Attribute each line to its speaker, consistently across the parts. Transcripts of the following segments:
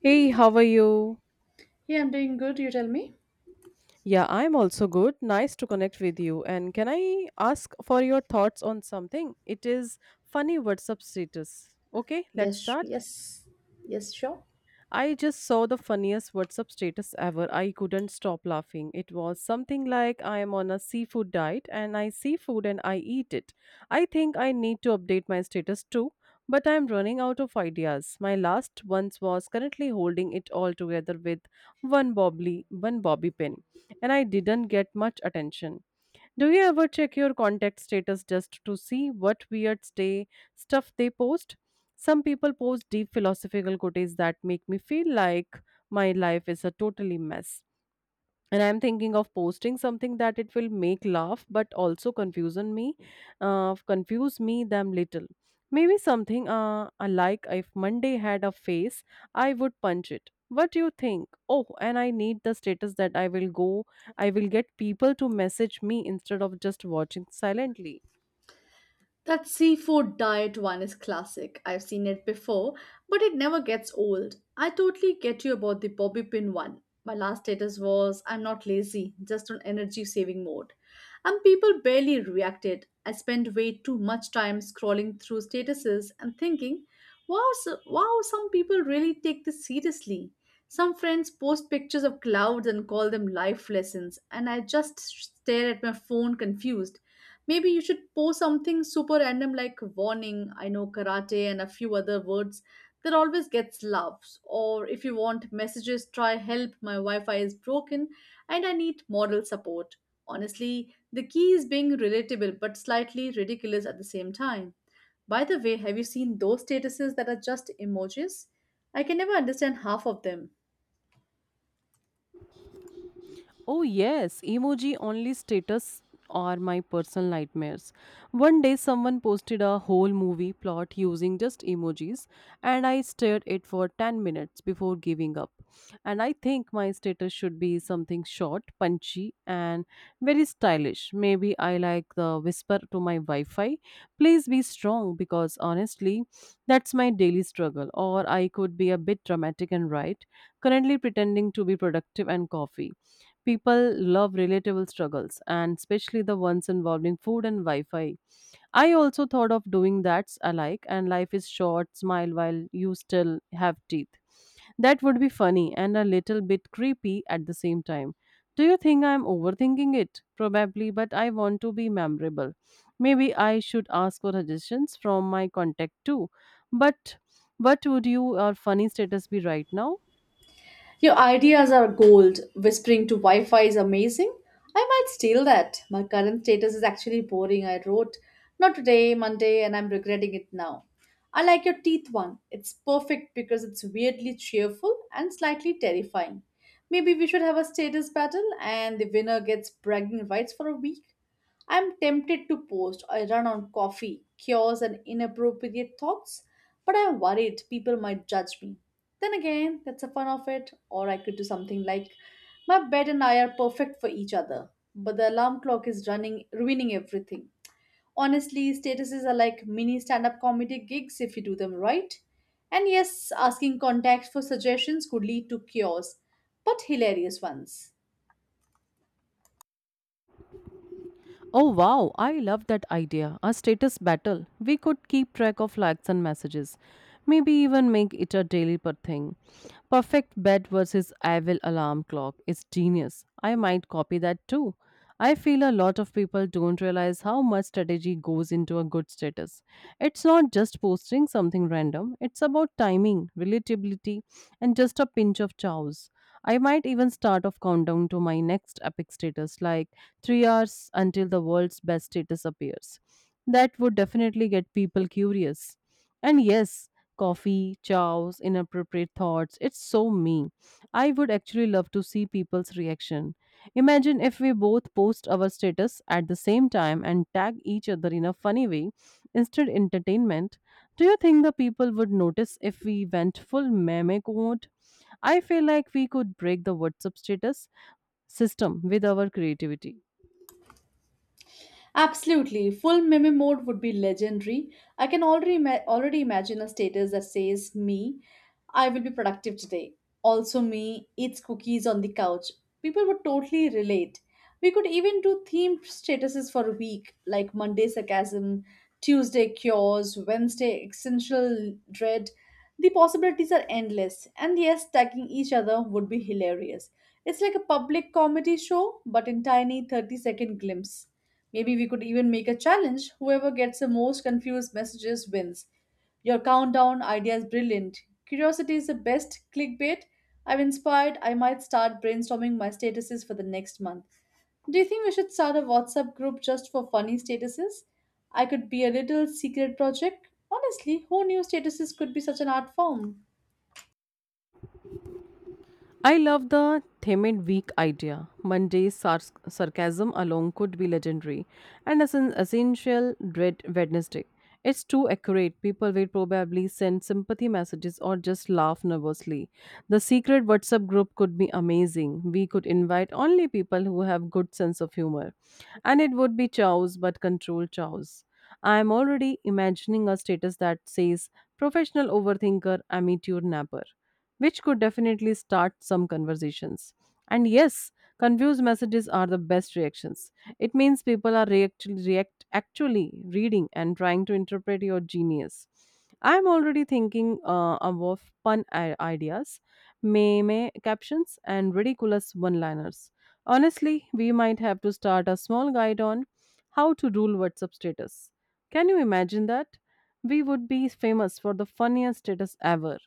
Speaker 1: Hey, how are you?
Speaker 2: Yeah, I'm doing good. You tell me.
Speaker 1: Yeah, I'm also good. Nice to connect with you. And can I ask for your thoughts on something? It is funny WhatsApp status. Okay, let's
Speaker 2: Yes,
Speaker 1: start.
Speaker 2: yes, yes, sure.
Speaker 1: I just saw the funniest WhatsApp status ever. I couldn't stop laughing. It was something like I am on a seafood diet and I see food and I eat it. I think I need to update my status too, but I am running out of ideas. My last ones was currently holding it all together with one bobbly, one bobby pin, and I didn't get much attention. Do you ever check your contact status just to see what weird stay stuff they post? Some people post deep philosophical quotes that make me feel like my life is a totally mess, and I'm thinking of posting something that it will make laugh but also confusion me, confuse me them little. Maybe something, I like if Monday had a face, I would punch it. What do you think? Oh, and I need the status that I will get people to message me instead of just watching silently.
Speaker 2: That seafood diet one is classic. I've seen it before, but it never gets old. I totally get you about the bobby pin one. My last status was I'm not lazy, just on energy saving mode. And people barely reacted. I spent way too much time scrolling through statuses and thinking, wow, some people really take this seriously. Some friends post pictures of clouds and call them life lessons, and I just stare at my phone confused. Maybe you should post something super random like warning, I know karate, and a few other words that always gets loves. Or if you want messages, try help, my Wi Fi is broken and I need moral support. Honestly, the key is being relatable but slightly ridiculous at the same time. By the way, have you seen those statuses that are just emojis? I can never understand half of them.
Speaker 1: Oh, yes, emoji only status are my personal nightmares. One day, someone posted a whole movie plot using just emojis, and I stared it for 10 minutes before giving up. And I think my status should be something short, punchy, and very stylish. Maybe I like the whisper to my Wi Fi, please be strong, because honestly, that's my daily struggle. Or I could be a bit dramatic and write, currently pretending to be productive and coffee. People love relatable struggles, and especially the ones involving food and Wi Fi. I also thought of doing that's alike, and life is short, smile while you still have teeth. That would be funny and a little bit creepy at the same time. Do you think I'm overthinking it? Probably, but I want to be memorable. Maybe I should ask for suggestions from my contact too. But what would you or funny status be right now?
Speaker 2: Your ideas are gold. Whispering to Wi Fi is amazing. I might steal that. My current status is actually boring. I wrote, not today, Monday, and I'm regretting it now. I like your teeth one. It's perfect because it's weirdly cheerful and slightly terrifying. Maybe we should have a status battle and the winner gets bragging rights for a week. I'm tempted to post a run on coffee, cures, and inappropriate thoughts, but I'm worried people might judge me. Then again, that's the fun of it. Or I could do something like my bed and I are perfect for each other, but the alarm clock is running, ruining everything. Honestly, statuses are like mini stand up comedy gigs if you do them right. And yes, asking contacts for suggestions could lead to cures, but hilarious ones.
Speaker 1: Oh wow, I love that idea. A status battle. We could keep track of likes and messages. Maybe even make it a daily per thing. Perfect bed versus evil alarm clock is genius. I might copy that too. I feel a lot of people don't realize how much strategy goes into a good status. It's not just posting something random, it's about timing, relatability, and just a pinch of chows. I might even start off countdown to my next epic status like three hours until the world's best status appears. That would definitely get people curious. And yes, coffee, chows, inappropriate thoughts, it's so me. I would actually love to see people's reaction. Imagine if we both post our status at the same time and tag each other in a funny way instead entertainment. Do you think the people would notice if we went full meme mode? I feel like we could break the WhatsApp status system with our creativity.
Speaker 2: Absolutely. Full meme mode would be legendary. I can already imagine a status that says me, I will be productive today. Also me eats cookies on the couch. People would totally relate. We could even do themed statuses for a week like Monday sarcasm, Tuesday cures, Wednesday essential dread. The possibilities are endless. And yes, tagging each other would be hilarious. It's like a public comedy show but in tiny 30-second glimpse. Maybe we could even make a challenge. Whoever gets the most confused messages wins. Your countdown idea is brilliant. Curiosity is the best clickbait. I'm inspired. I might start brainstorming my statuses for the next month. Do you think we should start a WhatsApp group just for funny statuses? I could be a little secret project. Honestly, who knew statuses could be such an art form?
Speaker 1: I love the Themed Week idea. Sarcasm alone could be legendary, and as an essential dread Wednesday. It's too accurate. People will probably send sympathy messages or just laugh nervously. The secret WhatsApp group could be amazing. We could invite only people who have good sense of humor, and it would be chaos, but controlled chaos. I am already imagining a status that says professional overthinker, amateur napper, which could definitely start some conversations. And yes, confused messages are the best reactions. It means people are actually reading and trying to interpret your genius. I'm already thinking of fun ideas, meme captions, and ridiculous one liners. Honestly, we might have to start a small guide on how to rule WhatsApp status. Can you imagine that? We would be famous for the funniest status ever.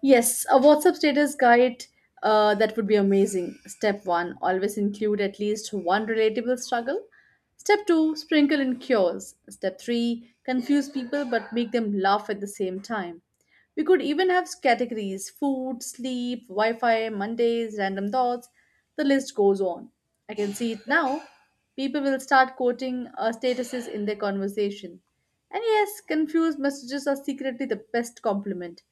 Speaker 2: Yes, a WhatsApp status guide. That would be amazing. Step one, always include at least one relatable struggle. Step two, sprinkle in cures. Step three, confuse people but make them laugh at the same time. We could even have categories food, sleep, Wi Fi, Mondays, random thoughts. The list goes on. I can see it now. People will start quoting statuses in their conversation. And yes, confused messages are secretly the best compliment.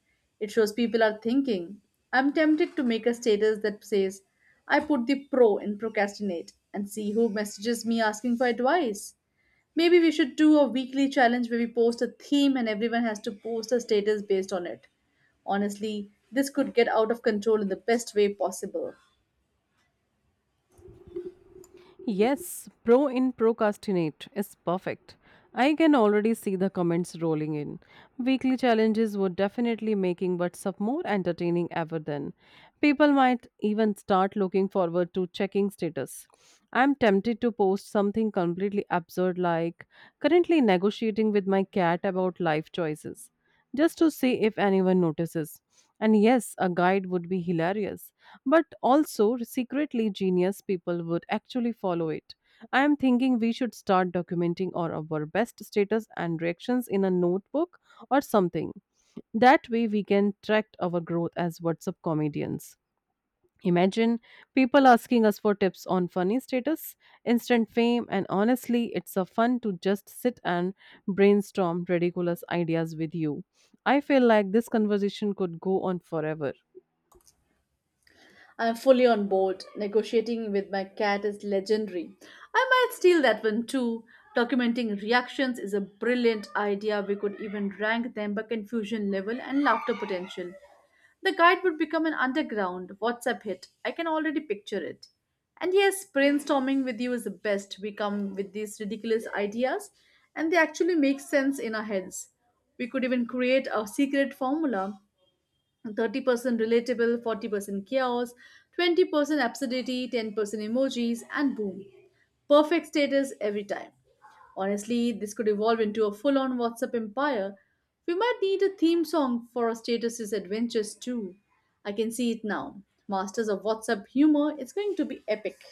Speaker 2: It shows people are thinking. I'm tempted to make a status that says, I put the pro in procrastinate and see who messages me asking for advice. Maybe we should do a weekly challenge where we post a theme and everyone has to post a status based on it. Honestly, this could get out of control in the best way possible.
Speaker 1: Yes, pro in procrastinate is perfect. I can already see the comments rolling in. Weekly challenges were definitely making WhatsApp more entertaining ever then. People might even start looking forward to checking status. I'm tempted to post something completely absurd like currently negotiating with my cat about life choices just to see if anyone notices. And yes, a guide would be hilarious but also secretly genius people would actually follow it. I am thinking we should start documenting our best status and reactions in a notebook or something. That way we can track our growth as WhatsApp comedians. Imagine people asking us for tips on funny status, instant fame, and honestly, it's a fun to just sit and brainstorm ridiculous ideas with you. I feel like this conversation could go on forever.
Speaker 2: I'm fully on board. Negotiating with my cat is legendary. I might steal that one too. Documenting reactions is a brilliant idea. We could even rank them by confusion level and laughter potential. The guide would become an underground WhatsApp hit. I can already picture it. And yes, brainstorming with you is the best. We come with these ridiculous ideas and they actually make sense in our heads. We could even create a secret formula 30% relatable, 40% chaos, 20% absurdity, 10% emojis, and boom. Perfect status every time. Honestly, this could evolve into a full on WhatsApp empire. We might need a theme song for our status' adventures too. I can see it now. Masters of WhatsApp humor, it's going to be epic.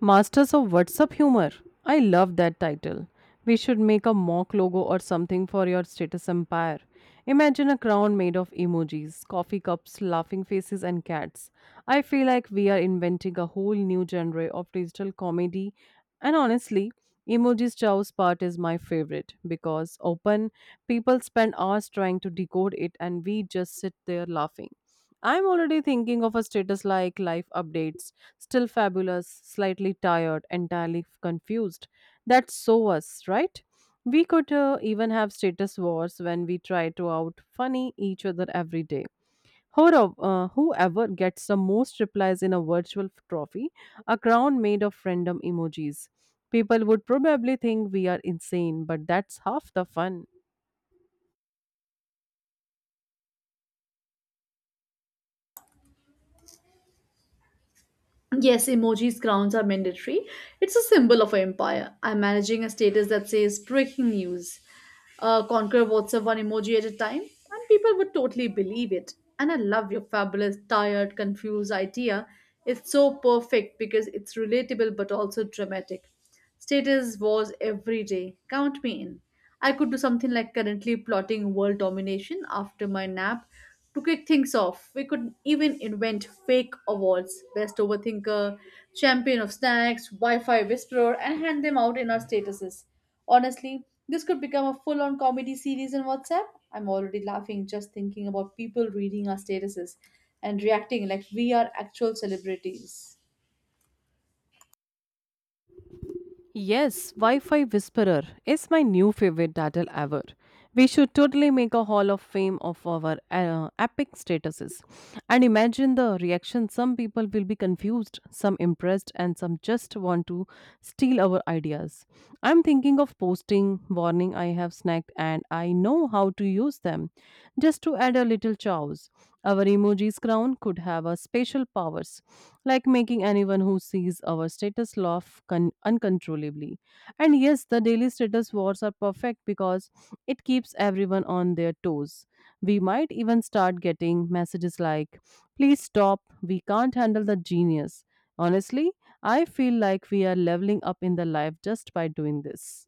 Speaker 1: Masters of WhatsApp Humor. I love that title. We should make a mock logo or something for your status empire. Imagine a crown made of emojis, coffee cups, laughing faces, and cats. I feel like we are inventing a whole new genre of digital comedy. And honestly, emojis chow's part is my favorite because open people spend hours trying to decode it and we just sit there laughing. I'm already thinking of a status like life updates, still fabulous, slightly tired, entirely confused. That's so us, right? We could, even have status wars when we try to out funny each other every day. Whoever gets the most replies in a virtual trophy, a crown made of random emojis. People would probably think we are insane, but that's half the fun.
Speaker 2: Yes, emojis crowns are mandatory. It's a symbol of an empire. I'm managing a status that says breaking news. Conquer WhatsApp one emoji at a time, and people would totally believe it. And I love your fabulous, tired, confused idea. It's so perfect because it's relatable but also dramatic. Status wars every day. Count me in. I could do something like currently plotting world domination after my nap. To kick things off, we could even invent fake awards best overthinker, champion of snacks, Wi Fi whisperer, and hand them out in our statuses. Honestly, this could become a full on comedy series in WhatsApp. I'm already laughing just thinking about people reading our statuses and reacting like we are actual celebrities.
Speaker 1: Yes, Wi Fi Whisperer is my new favorite title ever. We should totally make a hall of fame of our epic statuses. And imagine the reaction some people will be confused, some impressed, and some just want to steal our ideas. I'm thinking of posting warning I have snagged and I know how to use them just to add a little chows. Our emoji's crown could have a special powers, like making anyone who sees our status laugh uncontrollably. And yes, the daily status wars are perfect because it keeps everyone on their toes. We might even start getting messages like, please stop, we can't handle the genius. Honestly, I feel like we are leveling up in the life just by doing this.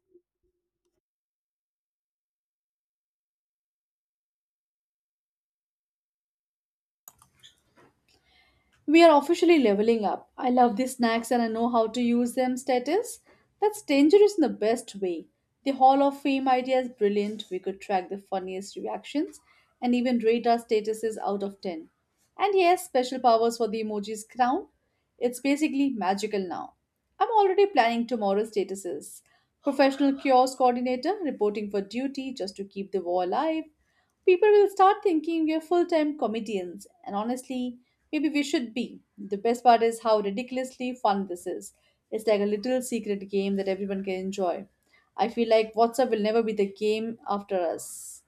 Speaker 2: We are officially leveling up. I love these snacks and I know how to use them status. That's dangerous in the best way. The Hall of Fame idea is brilliant. We could track the funniest reactions and even rate our statuses out of 10. And yes, special powers for the emoji's crown. It's basically magical now. I'm already planning tomorrow's statuses. Professional kiosk coordinator reporting for duty just to keep the war alive people will start thinking we are full time comedians. And honestly, maybe we should be. The best part is how ridiculously fun this is. It's like a little secret game that everyone can enjoy. I feel like WhatsApp will never be the game after us.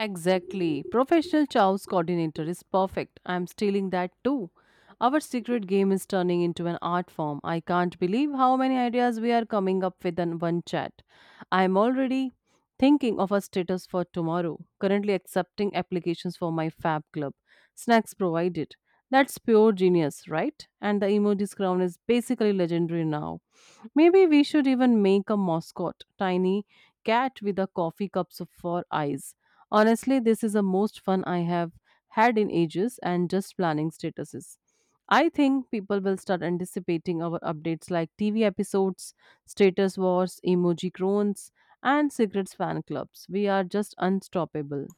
Speaker 1: Exactly. Professional chows coordinator is perfect. I'm stealing that too. Our secret game is turning into an art form. I can't believe how many ideas we are coming up with in one chat. I'm already thinking of a status for tomorrow. Currently accepting applications for my fab club. Snacks provided. That's pure genius, right? And the emoji's crown is basically legendary now. Maybe we should even make a mascot, tiny cat with a for eyes. Honestly, this is the most fun I have had in ages and just planning statuses. I think people will start anticipating our updates like TV episodes, status wars, emoji groans, and Secrets fan clubs. We are just unstoppable.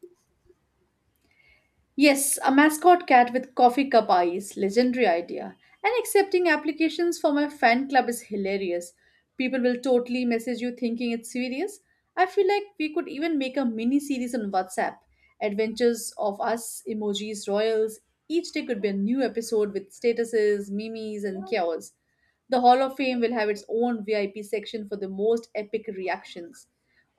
Speaker 2: Yes, a mascot cat with coffee cup eyes, legendary idea. And accepting applications for my fan club is hilarious. People will totally message you thinking it's serious. I feel like we could even make a mini series on WhatsApp. Adventures of us, emojis, royals. Each day could be a new episode with statuses, memes, and chaos. The Hall of Fame will have its own VIP section for the most epic reactions.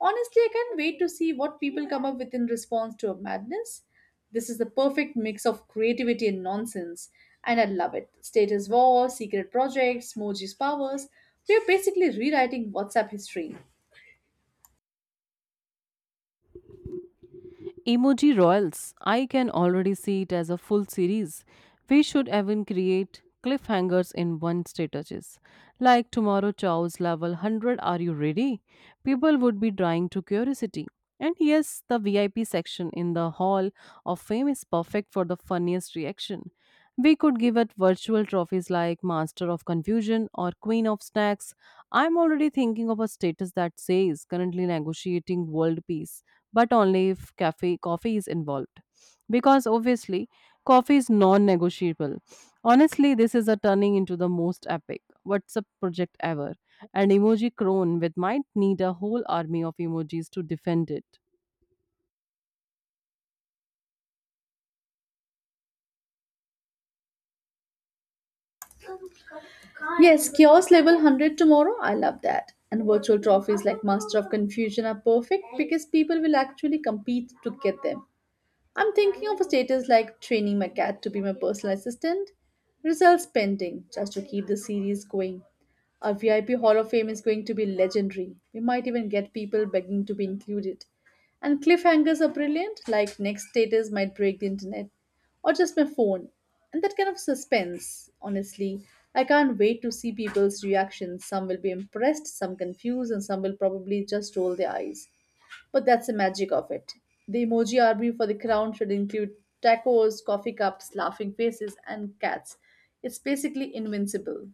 Speaker 2: Honestly, I can't wait to see what people come up with in response to our madness. This is the perfect mix of creativity and nonsense, and I love it. Status war, secret projects, Moji's powers. We are basically rewriting WhatsApp history.
Speaker 1: Emoji Royals. I can already see it as a full series. We should even create cliffhangers in one statuses. Like tomorrow Chow's level 100, are you ready? People would be dying to curiosity. And yes, the VIP section in the Hall of Fame is perfect for the funniest reaction. We could give it virtual trophies like Master of Confusion or Queen of Snacks. I'm already thinking of a status that says currently negotiating world peace but only if cafe coffee is involved, because obviously coffee is non-negotiable. Honestly, this is a turning into the most epic WhatsApp project ever, and emoji crone with might need a whole army of emojis to defend it.
Speaker 2: Yes, Chaos Level 100 tomorrow. I love that. And virtual trophies like Master of Confusion are perfect because people will actually compete to get them. I'm thinking of a status like training my cat to be my personal assistant. Results pending, just to keep the series going. Our VIP Hall of Fame is going to be legendary. We might even get people begging to be included. And cliffhangers are brilliant, like next status might break the internet or just my phone. And that kind of suspense, honestly. I can't wait to see people's reactions. Some will be impressed, some confused, and some will probably just roll their eyes. But that's the magic of it. The emoji army for the crown should include tacos, coffee cups, laughing faces, and cats. It's basically invincible.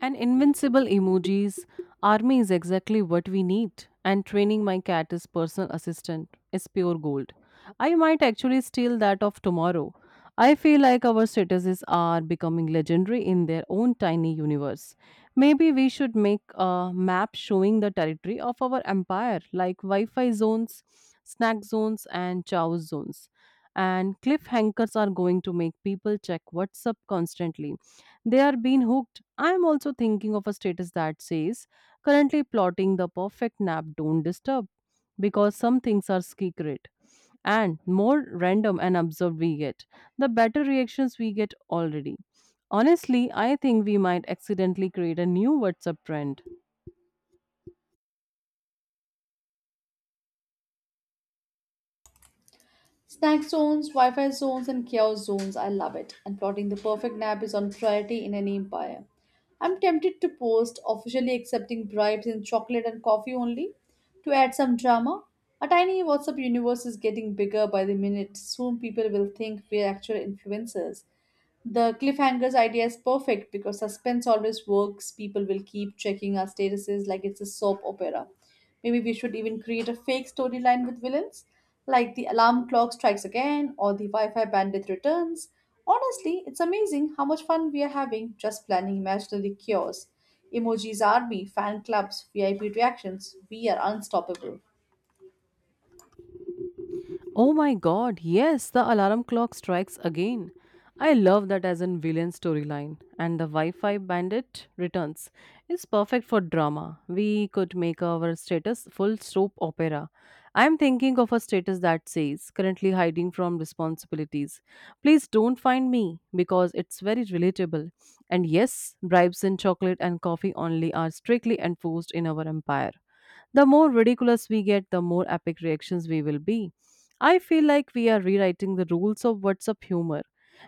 Speaker 1: And invincible emojis, army is exactly what we need. And training my cat as personal assistant is pure gold. I might actually steal that off tomorrow. I feel like our statuses are becoming legendary in their own tiny universe. Maybe we should make a map showing the territory of our empire, like Wi Fi zones, snack zones, and chow zones. And cliffhangers are going to make people check WhatsApp constantly. They are being hooked. I am also thinking of a status that says, currently plotting the perfect nap, don't disturb, because some things are secret. And more random and absurd we get, the better reactions we get already. Honestly, I think we might accidentally create a new WhatsApp trend.
Speaker 2: Snack zones, Wi Fi zones, and chaos zones, I love it. And plotting the perfect nap is on priority in any empire. I'm tempted to post officially accepting bribes in chocolate and coffee only to add some drama. Our tiny WhatsApp universe is getting bigger by the minute. Soon people will think we're actual influencers. The cliffhangers idea is perfect because suspense always works. People will keep checking our statuses like it's a soap opera. Maybe we should even create a fake storyline with villains, like the alarm clock strikes again or the Wi Fi bandit returns. Honestly, it's amazing how much fun we are having just planning imaginary cures. Emojis Army, fan clubs, VIP reactions, we are unstoppable.
Speaker 1: Oh my god, yes, the alarm clock strikes again. I love that as in villain storyline. And the Wi Fi bandit returns. It's perfect for drama. We could make our status full soap opera. I'm thinking of a status that says, currently hiding from responsibilities. Please don't find me because it's very relatable. And yes, bribes in chocolate and coffee only are strictly enforced in our empire. The more ridiculous we get, the more epic reactions we will be. I feel like we are rewriting the rules of WhatsApp humor.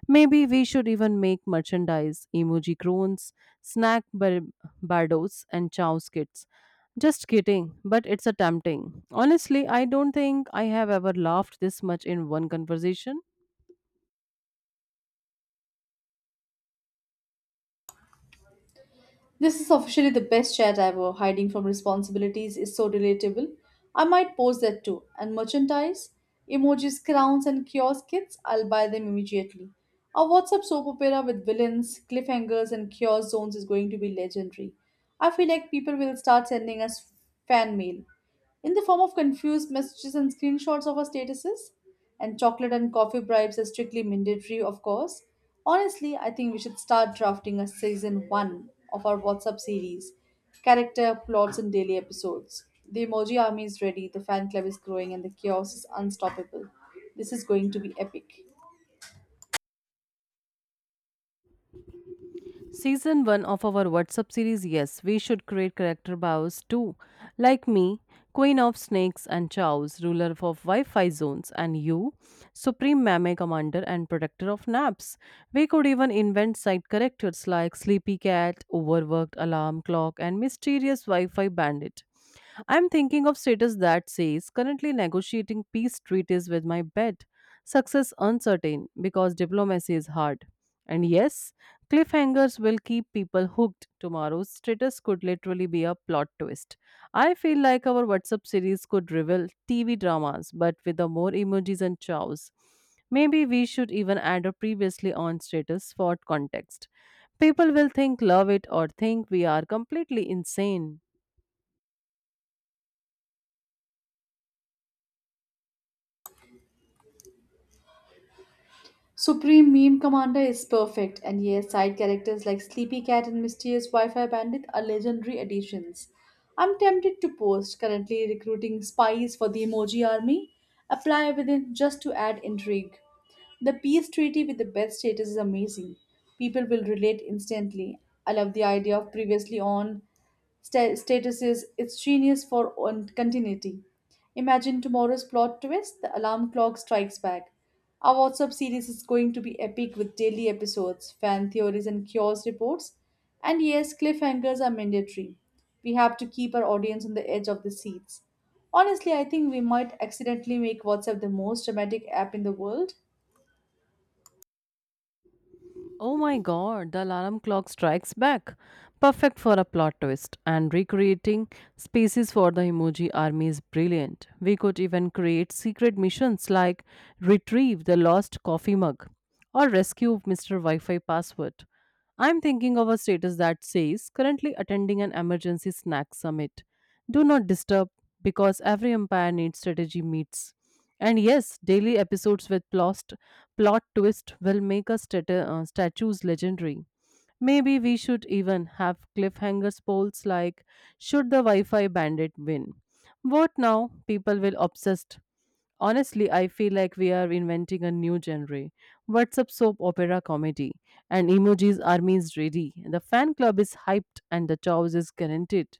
Speaker 1: Maybe we should even make merchandise, emoji groans, snack bar- bardos, and chow skits. Just kidding, but it's a tempting. Honestly, I don't think I have ever laughed this much in one conversation.
Speaker 2: This is officially the best chat ever. Hiding from responsibilities is so relatable. I might post that too. And merchandise, emojis, crowns, and kiosk kits, I'll buy them immediately. Our WhatsApp soap opera with villains, cliffhangers, and kiosk zones is going to be legendary. I feel like people will start sending us fan mail in the form of confused messages and screenshots of our statuses. And chocolate and coffee bribes are strictly mandatory, of course. Honestly, I think we should start drafting a season one of our WhatsApp series character, plots, and daily episodes. The emoji army is ready, the fan club is growing, and the chaos is unstoppable. This is going to be epic.
Speaker 1: Season 1 of our WhatsApp series, yes, we should create character bios too. Like me, Queen of Snakes and Chows, ruler of Wi Fi zones, and you, Supreme Mame Commander and Protector of Naps. We could even invent side characters like Sleepy Cat, Overworked Alarm Clock, and Mysterious Wi Fi Bandit. I'm thinking of status that says currently negotiating peace treaties with my bet. Success uncertain because diplomacy is hard. And yes, cliffhangers will keep people hooked. Tomorrow's status could literally be a plot twist. I feel like our WhatsApp series could reveal TV dramas, but with the more emojis and chows. Maybe we should even add a previously on status for context. People will think love it or think we are completely insane.
Speaker 2: Supreme Meme Commander is perfect, and yes, side characters like Sleepy Cat and Mysterious Wi Fi Bandit are legendary additions. I'm tempted to post, currently recruiting spies for the emoji army. Apply within just to add intrigue. The peace treaty with the best status is amazing. People will relate instantly. I love the idea of previously on status is it's genius for on continuity. Imagine tomorrow's plot twist, the alarm clock strikes back. Our WhatsApp series is going to be epic with daily episodes, fan theories, and cures reports. And yes, cliffhangers are mandatory. We have to keep our audience on the edge of the seats. Honestly, I think we might accidentally make WhatsApp the most dramatic app in the world.
Speaker 1: Oh my god, the alarm clock strikes back. Perfect for a plot twist. And recreating spaces for the emoji army is brilliant. We could even create secret missions like retrieve the lost coffee mug or rescue Mr. Wi Fi password. I'm thinking of a status that says currently attending an emergency snack summit, do not disturb because every empire needs strategy meets. And yes, daily episodes with plot twist will make us statues legendary. Maybe we should even have cliffhangers polls like should the Wi-Fi bandit win? Vote now, people will obsess. Honestly, I feel like we are inventing a new genre. What's up, soap opera comedy? And emojis army is ready. The fan club is hyped, and the chows is guaranteed.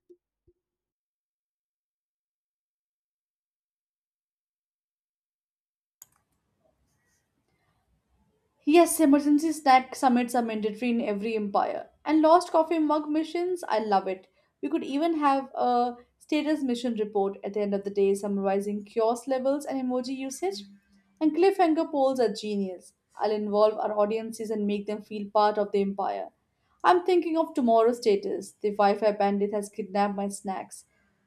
Speaker 2: Yes, emergency snack summits are mandatory in every empire. And lost coffee mug missions, I love it. We could even have a status mission report at the end of the day summarizing kiosk levels and emoji usage. And cliffhanger polls are genius. I'll involve our audiences and make them feel part of the empire. I'm thinking of tomorrow's status. The Wi Fi bandit has kidnapped my snacks.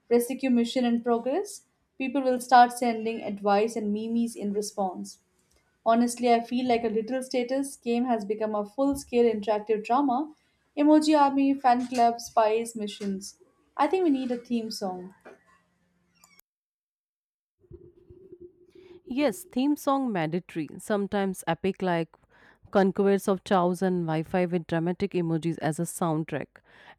Speaker 2: Rescue mission in progress. People will start sending advice and memes in response. Honestly, I feel like a literal status game has become a full scale interactive drama. Emoji Army, fan club, spies, missions. I think we need a theme song.
Speaker 1: Yes, theme song mandatory, sometimes epic like Conquest of Chows and Wi-Fi with dramatic emojis as a soundtrack.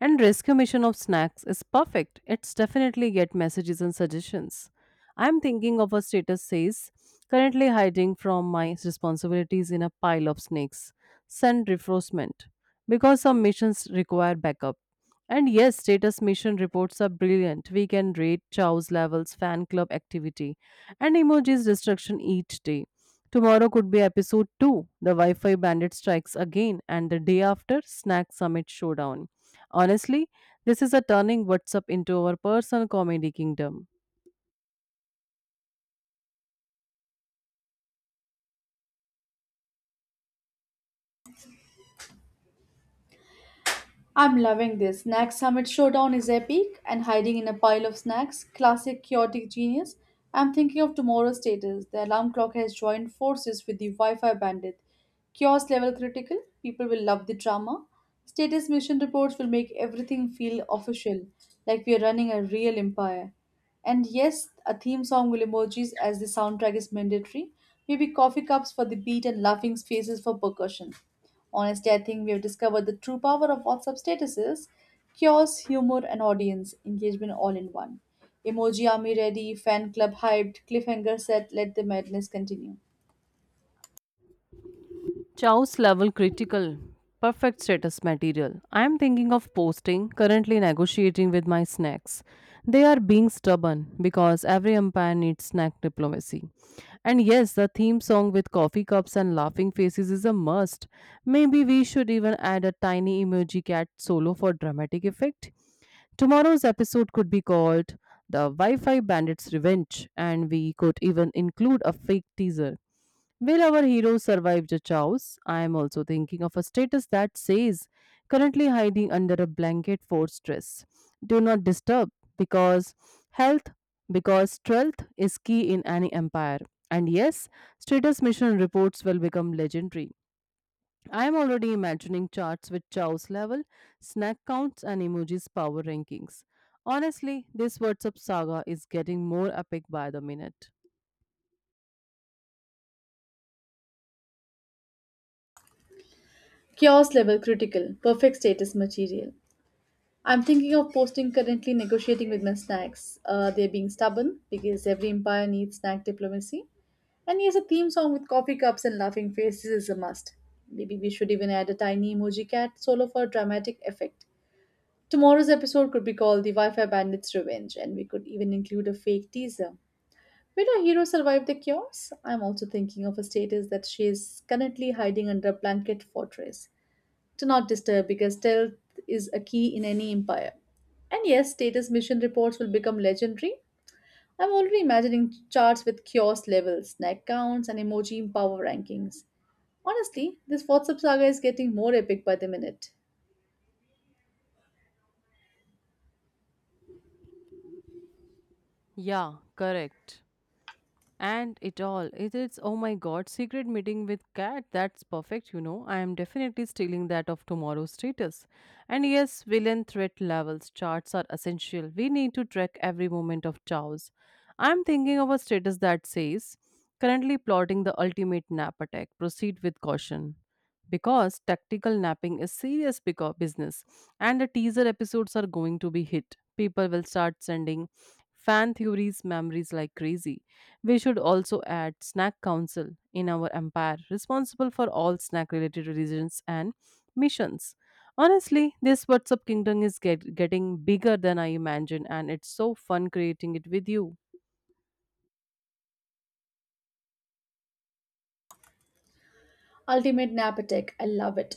Speaker 1: And Rescue Mission of Snacks is perfect. It's definitely get messages and suggestions. I'm thinking of a status says currently hiding from my responsibilities in a pile of snakes. Send reinforcement because some missions require backup. And yes, status mission reports are brilliant. We can rate Chow's levels, fan club activity, and emojis destruction each day. Tomorrow could be episode 2, the Wi Fi bandit strikes again, and the day after, snack summit showdown. Honestly, this is a turning WhatsApp into our personal comedy kingdom.
Speaker 2: I'm loving this. Snack Summit Showdown is epic, and hiding in a pile of snacks, classic chaotic genius. I'm thinking of tomorrow's status. The alarm clock has joined forces with the Wi Fi bandit. Chaos level critical, people will love the drama. Status mission reports will make everything feel official, like we are running a real empire. And yes, a theme song will emojis, as the soundtrack is mandatory. Maybe coffee cups for the beat and laughing faces for percussion. Honestly, I think we have discovered the true power of WhatsApp statuses chaos, humor, and audience engagement all in one. Emoji army ready, fan club hyped, cliffhanger set, let the madness continue.
Speaker 1: Chow's level critical. Perfect status material. I am thinking of posting, currently negotiating with my snacks. They are being stubborn because every empire needs snack diplomacy. And yes, the theme song with coffee cups and laughing faces is a must. Maybe we should even add a tiny emoji cat solo for dramatic effect. Tomorrow's episode could be called The Wi Fi Bandits Revenge, and we could even include a fake teaser. Will our hero survive the chaos? I am also thinking of a status that says, currently hiding under a blanket for stress. Do not disturb because health, because strength is key in any empire. And yes, status mission reports will become legendary. I am already imagining charts with chow's level, snack counts, and emojis' power rankings. Honestly, this WhatsApp saga is getting more epic by the minute.
Speaker 2: Chaos level critical, perfect status material. I'm thinking of posting currently negotiating with my snacks. They're being stubborn because every empire needs snack diplomacy. And yes, a theme song with coffee cups and laughing faces is a must. Maybe we should even add a tiny emoji cat solo for dramatic effect. Tomorrow's episode could be called The Wi Fi Bandits Revenge, and we could even include a fake teaser. Will our hero survive the chaos? I'm also thinking of a status that she is currently hiding under a blanket fortress. To not disturb because stealth is a key in any empire. And yes, status mission reports will become legendary. I'm already imagining charts with kiosk levels, snack counts, and emoji power rankings. Honestly, this WhatsApp saga is getting more epic by the minute.
Speaker 1: Yeah, correct. And it all. It is, oh my god, secret meeting with cat. That's perfect, I am definitely stealing that of tomorrow's status. And yes, villain threat levels charts are essential. We need to track every moment of chaos. I'm thinking of a status that says currently plotting the ultimate nap attack. Proceed with caution. Because tactical napping is serious business, and the teaser episodes are going to be hit. People will start sending fan theories memories like crazy. We should also add snack council in our empire, responsible for all snack related decisions and missions. Honestly, this WhatsApp kingdom is getting bigger than I imagined, and it's so fun creating it with you.
Speaker 2: Ultimate Napatech, I love it.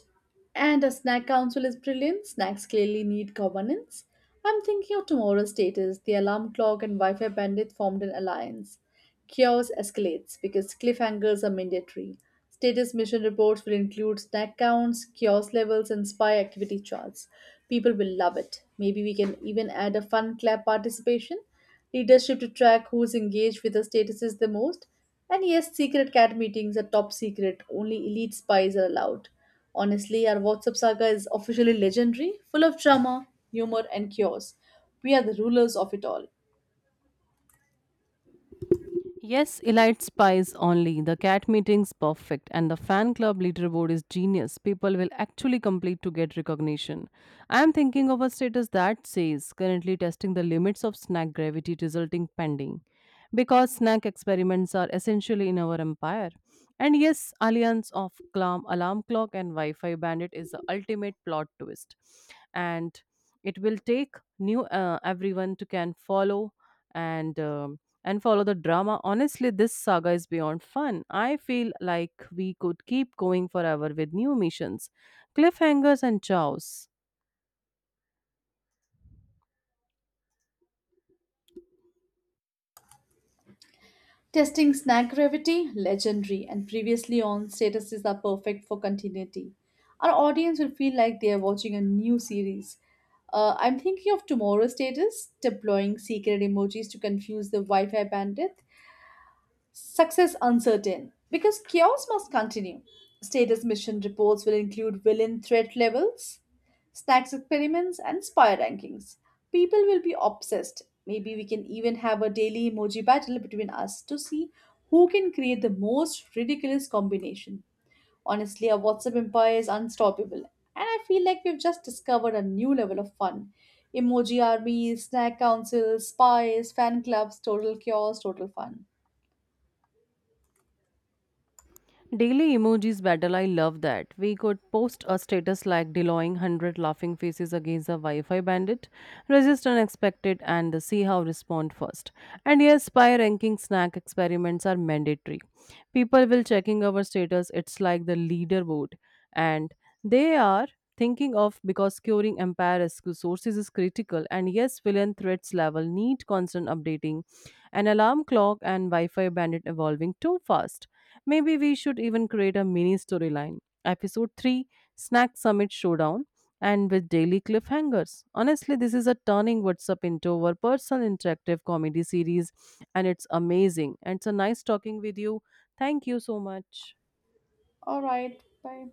Speaker 2: And a snack council is brilliant. Snacks clearly need governance. I'm thinking of tomorrow's status. The alarm clock and Wi Fi bandit formed an alliance. Chaos escalates because cliffhangers are mandatory. Status mission reports will include snack counts, chaos levels, and spy activity charts. People will love it. Maybe we can even add a fun clap participation leadership to track who's engaged with the statuses the most. And yes, secret cat meetings are top secret. Only elite spies are allowed. Honestly, our WhatsApp saga is officially legendary, full of drama, humor, and chaos. We are the rulers of it all.
Speaker 1: Yes, elite spies only. The cat meeting's perfect, and the fan club leaderboard is genius. People will actually complete to get recognition. I am thinking of a status that says currently testing the limits of snack gravity resulting pending. Because snack experiments are essentially in our empire. And yes, alliance of clam, alarm clock and Wi-Fi bandit is the ultimate plot twist. And it will take new everyone to can follow and um, and follow the drama. Honestly, this saga is beyond fun. I feel like we could keep going forever with new missions, cliffhangers, and chows.
Speaker 2: Testing snack gravity, legendary, and previously on statuses are perfect for continuity. Our audience will feel like they are watching a new series. I'm thinking of tomorrow's status, deploying secret emojis to confuse the Wi Fi bandit, Success uncertain because chaos must continue. Status mission reports will include villain threat levels, stacks experiments, and spy rankings. People will be obsessed. Maybe we can even have a daily emoji battle between us to see who can create the most ridiculous combination. Honestly, our WhatsApp empire is unstoppable, and I feel like we've just discovered a new level of fun. Emoji armies, snack councils, spies, fan clubs, total chaos, total fun.
Speaker 1: Daily emojis battle, I love that. We could post a status like deloying 100 laughing faces against a Wi Fi bandit, resist unexpected, and see how respond first. And yes, spy ranking snack experiments are mandatory. People will checking our status, it's like the leaderboard. And they are thinking of because curing empire rescue sources is critical, and yes, villain threats level need constant updating, an alarm clock and wi-fi bandit evolving too fast. Maybe we should even create a mini storyline. Episode 3, Snack Summit Showdown, and with daily cliffhangers. Honestly, this is a turning WhatsApp into our personal interactive comedy series, and it's amazing. And it's a nice talking with you. Thank you so much.
Speaker 2: All right, bye.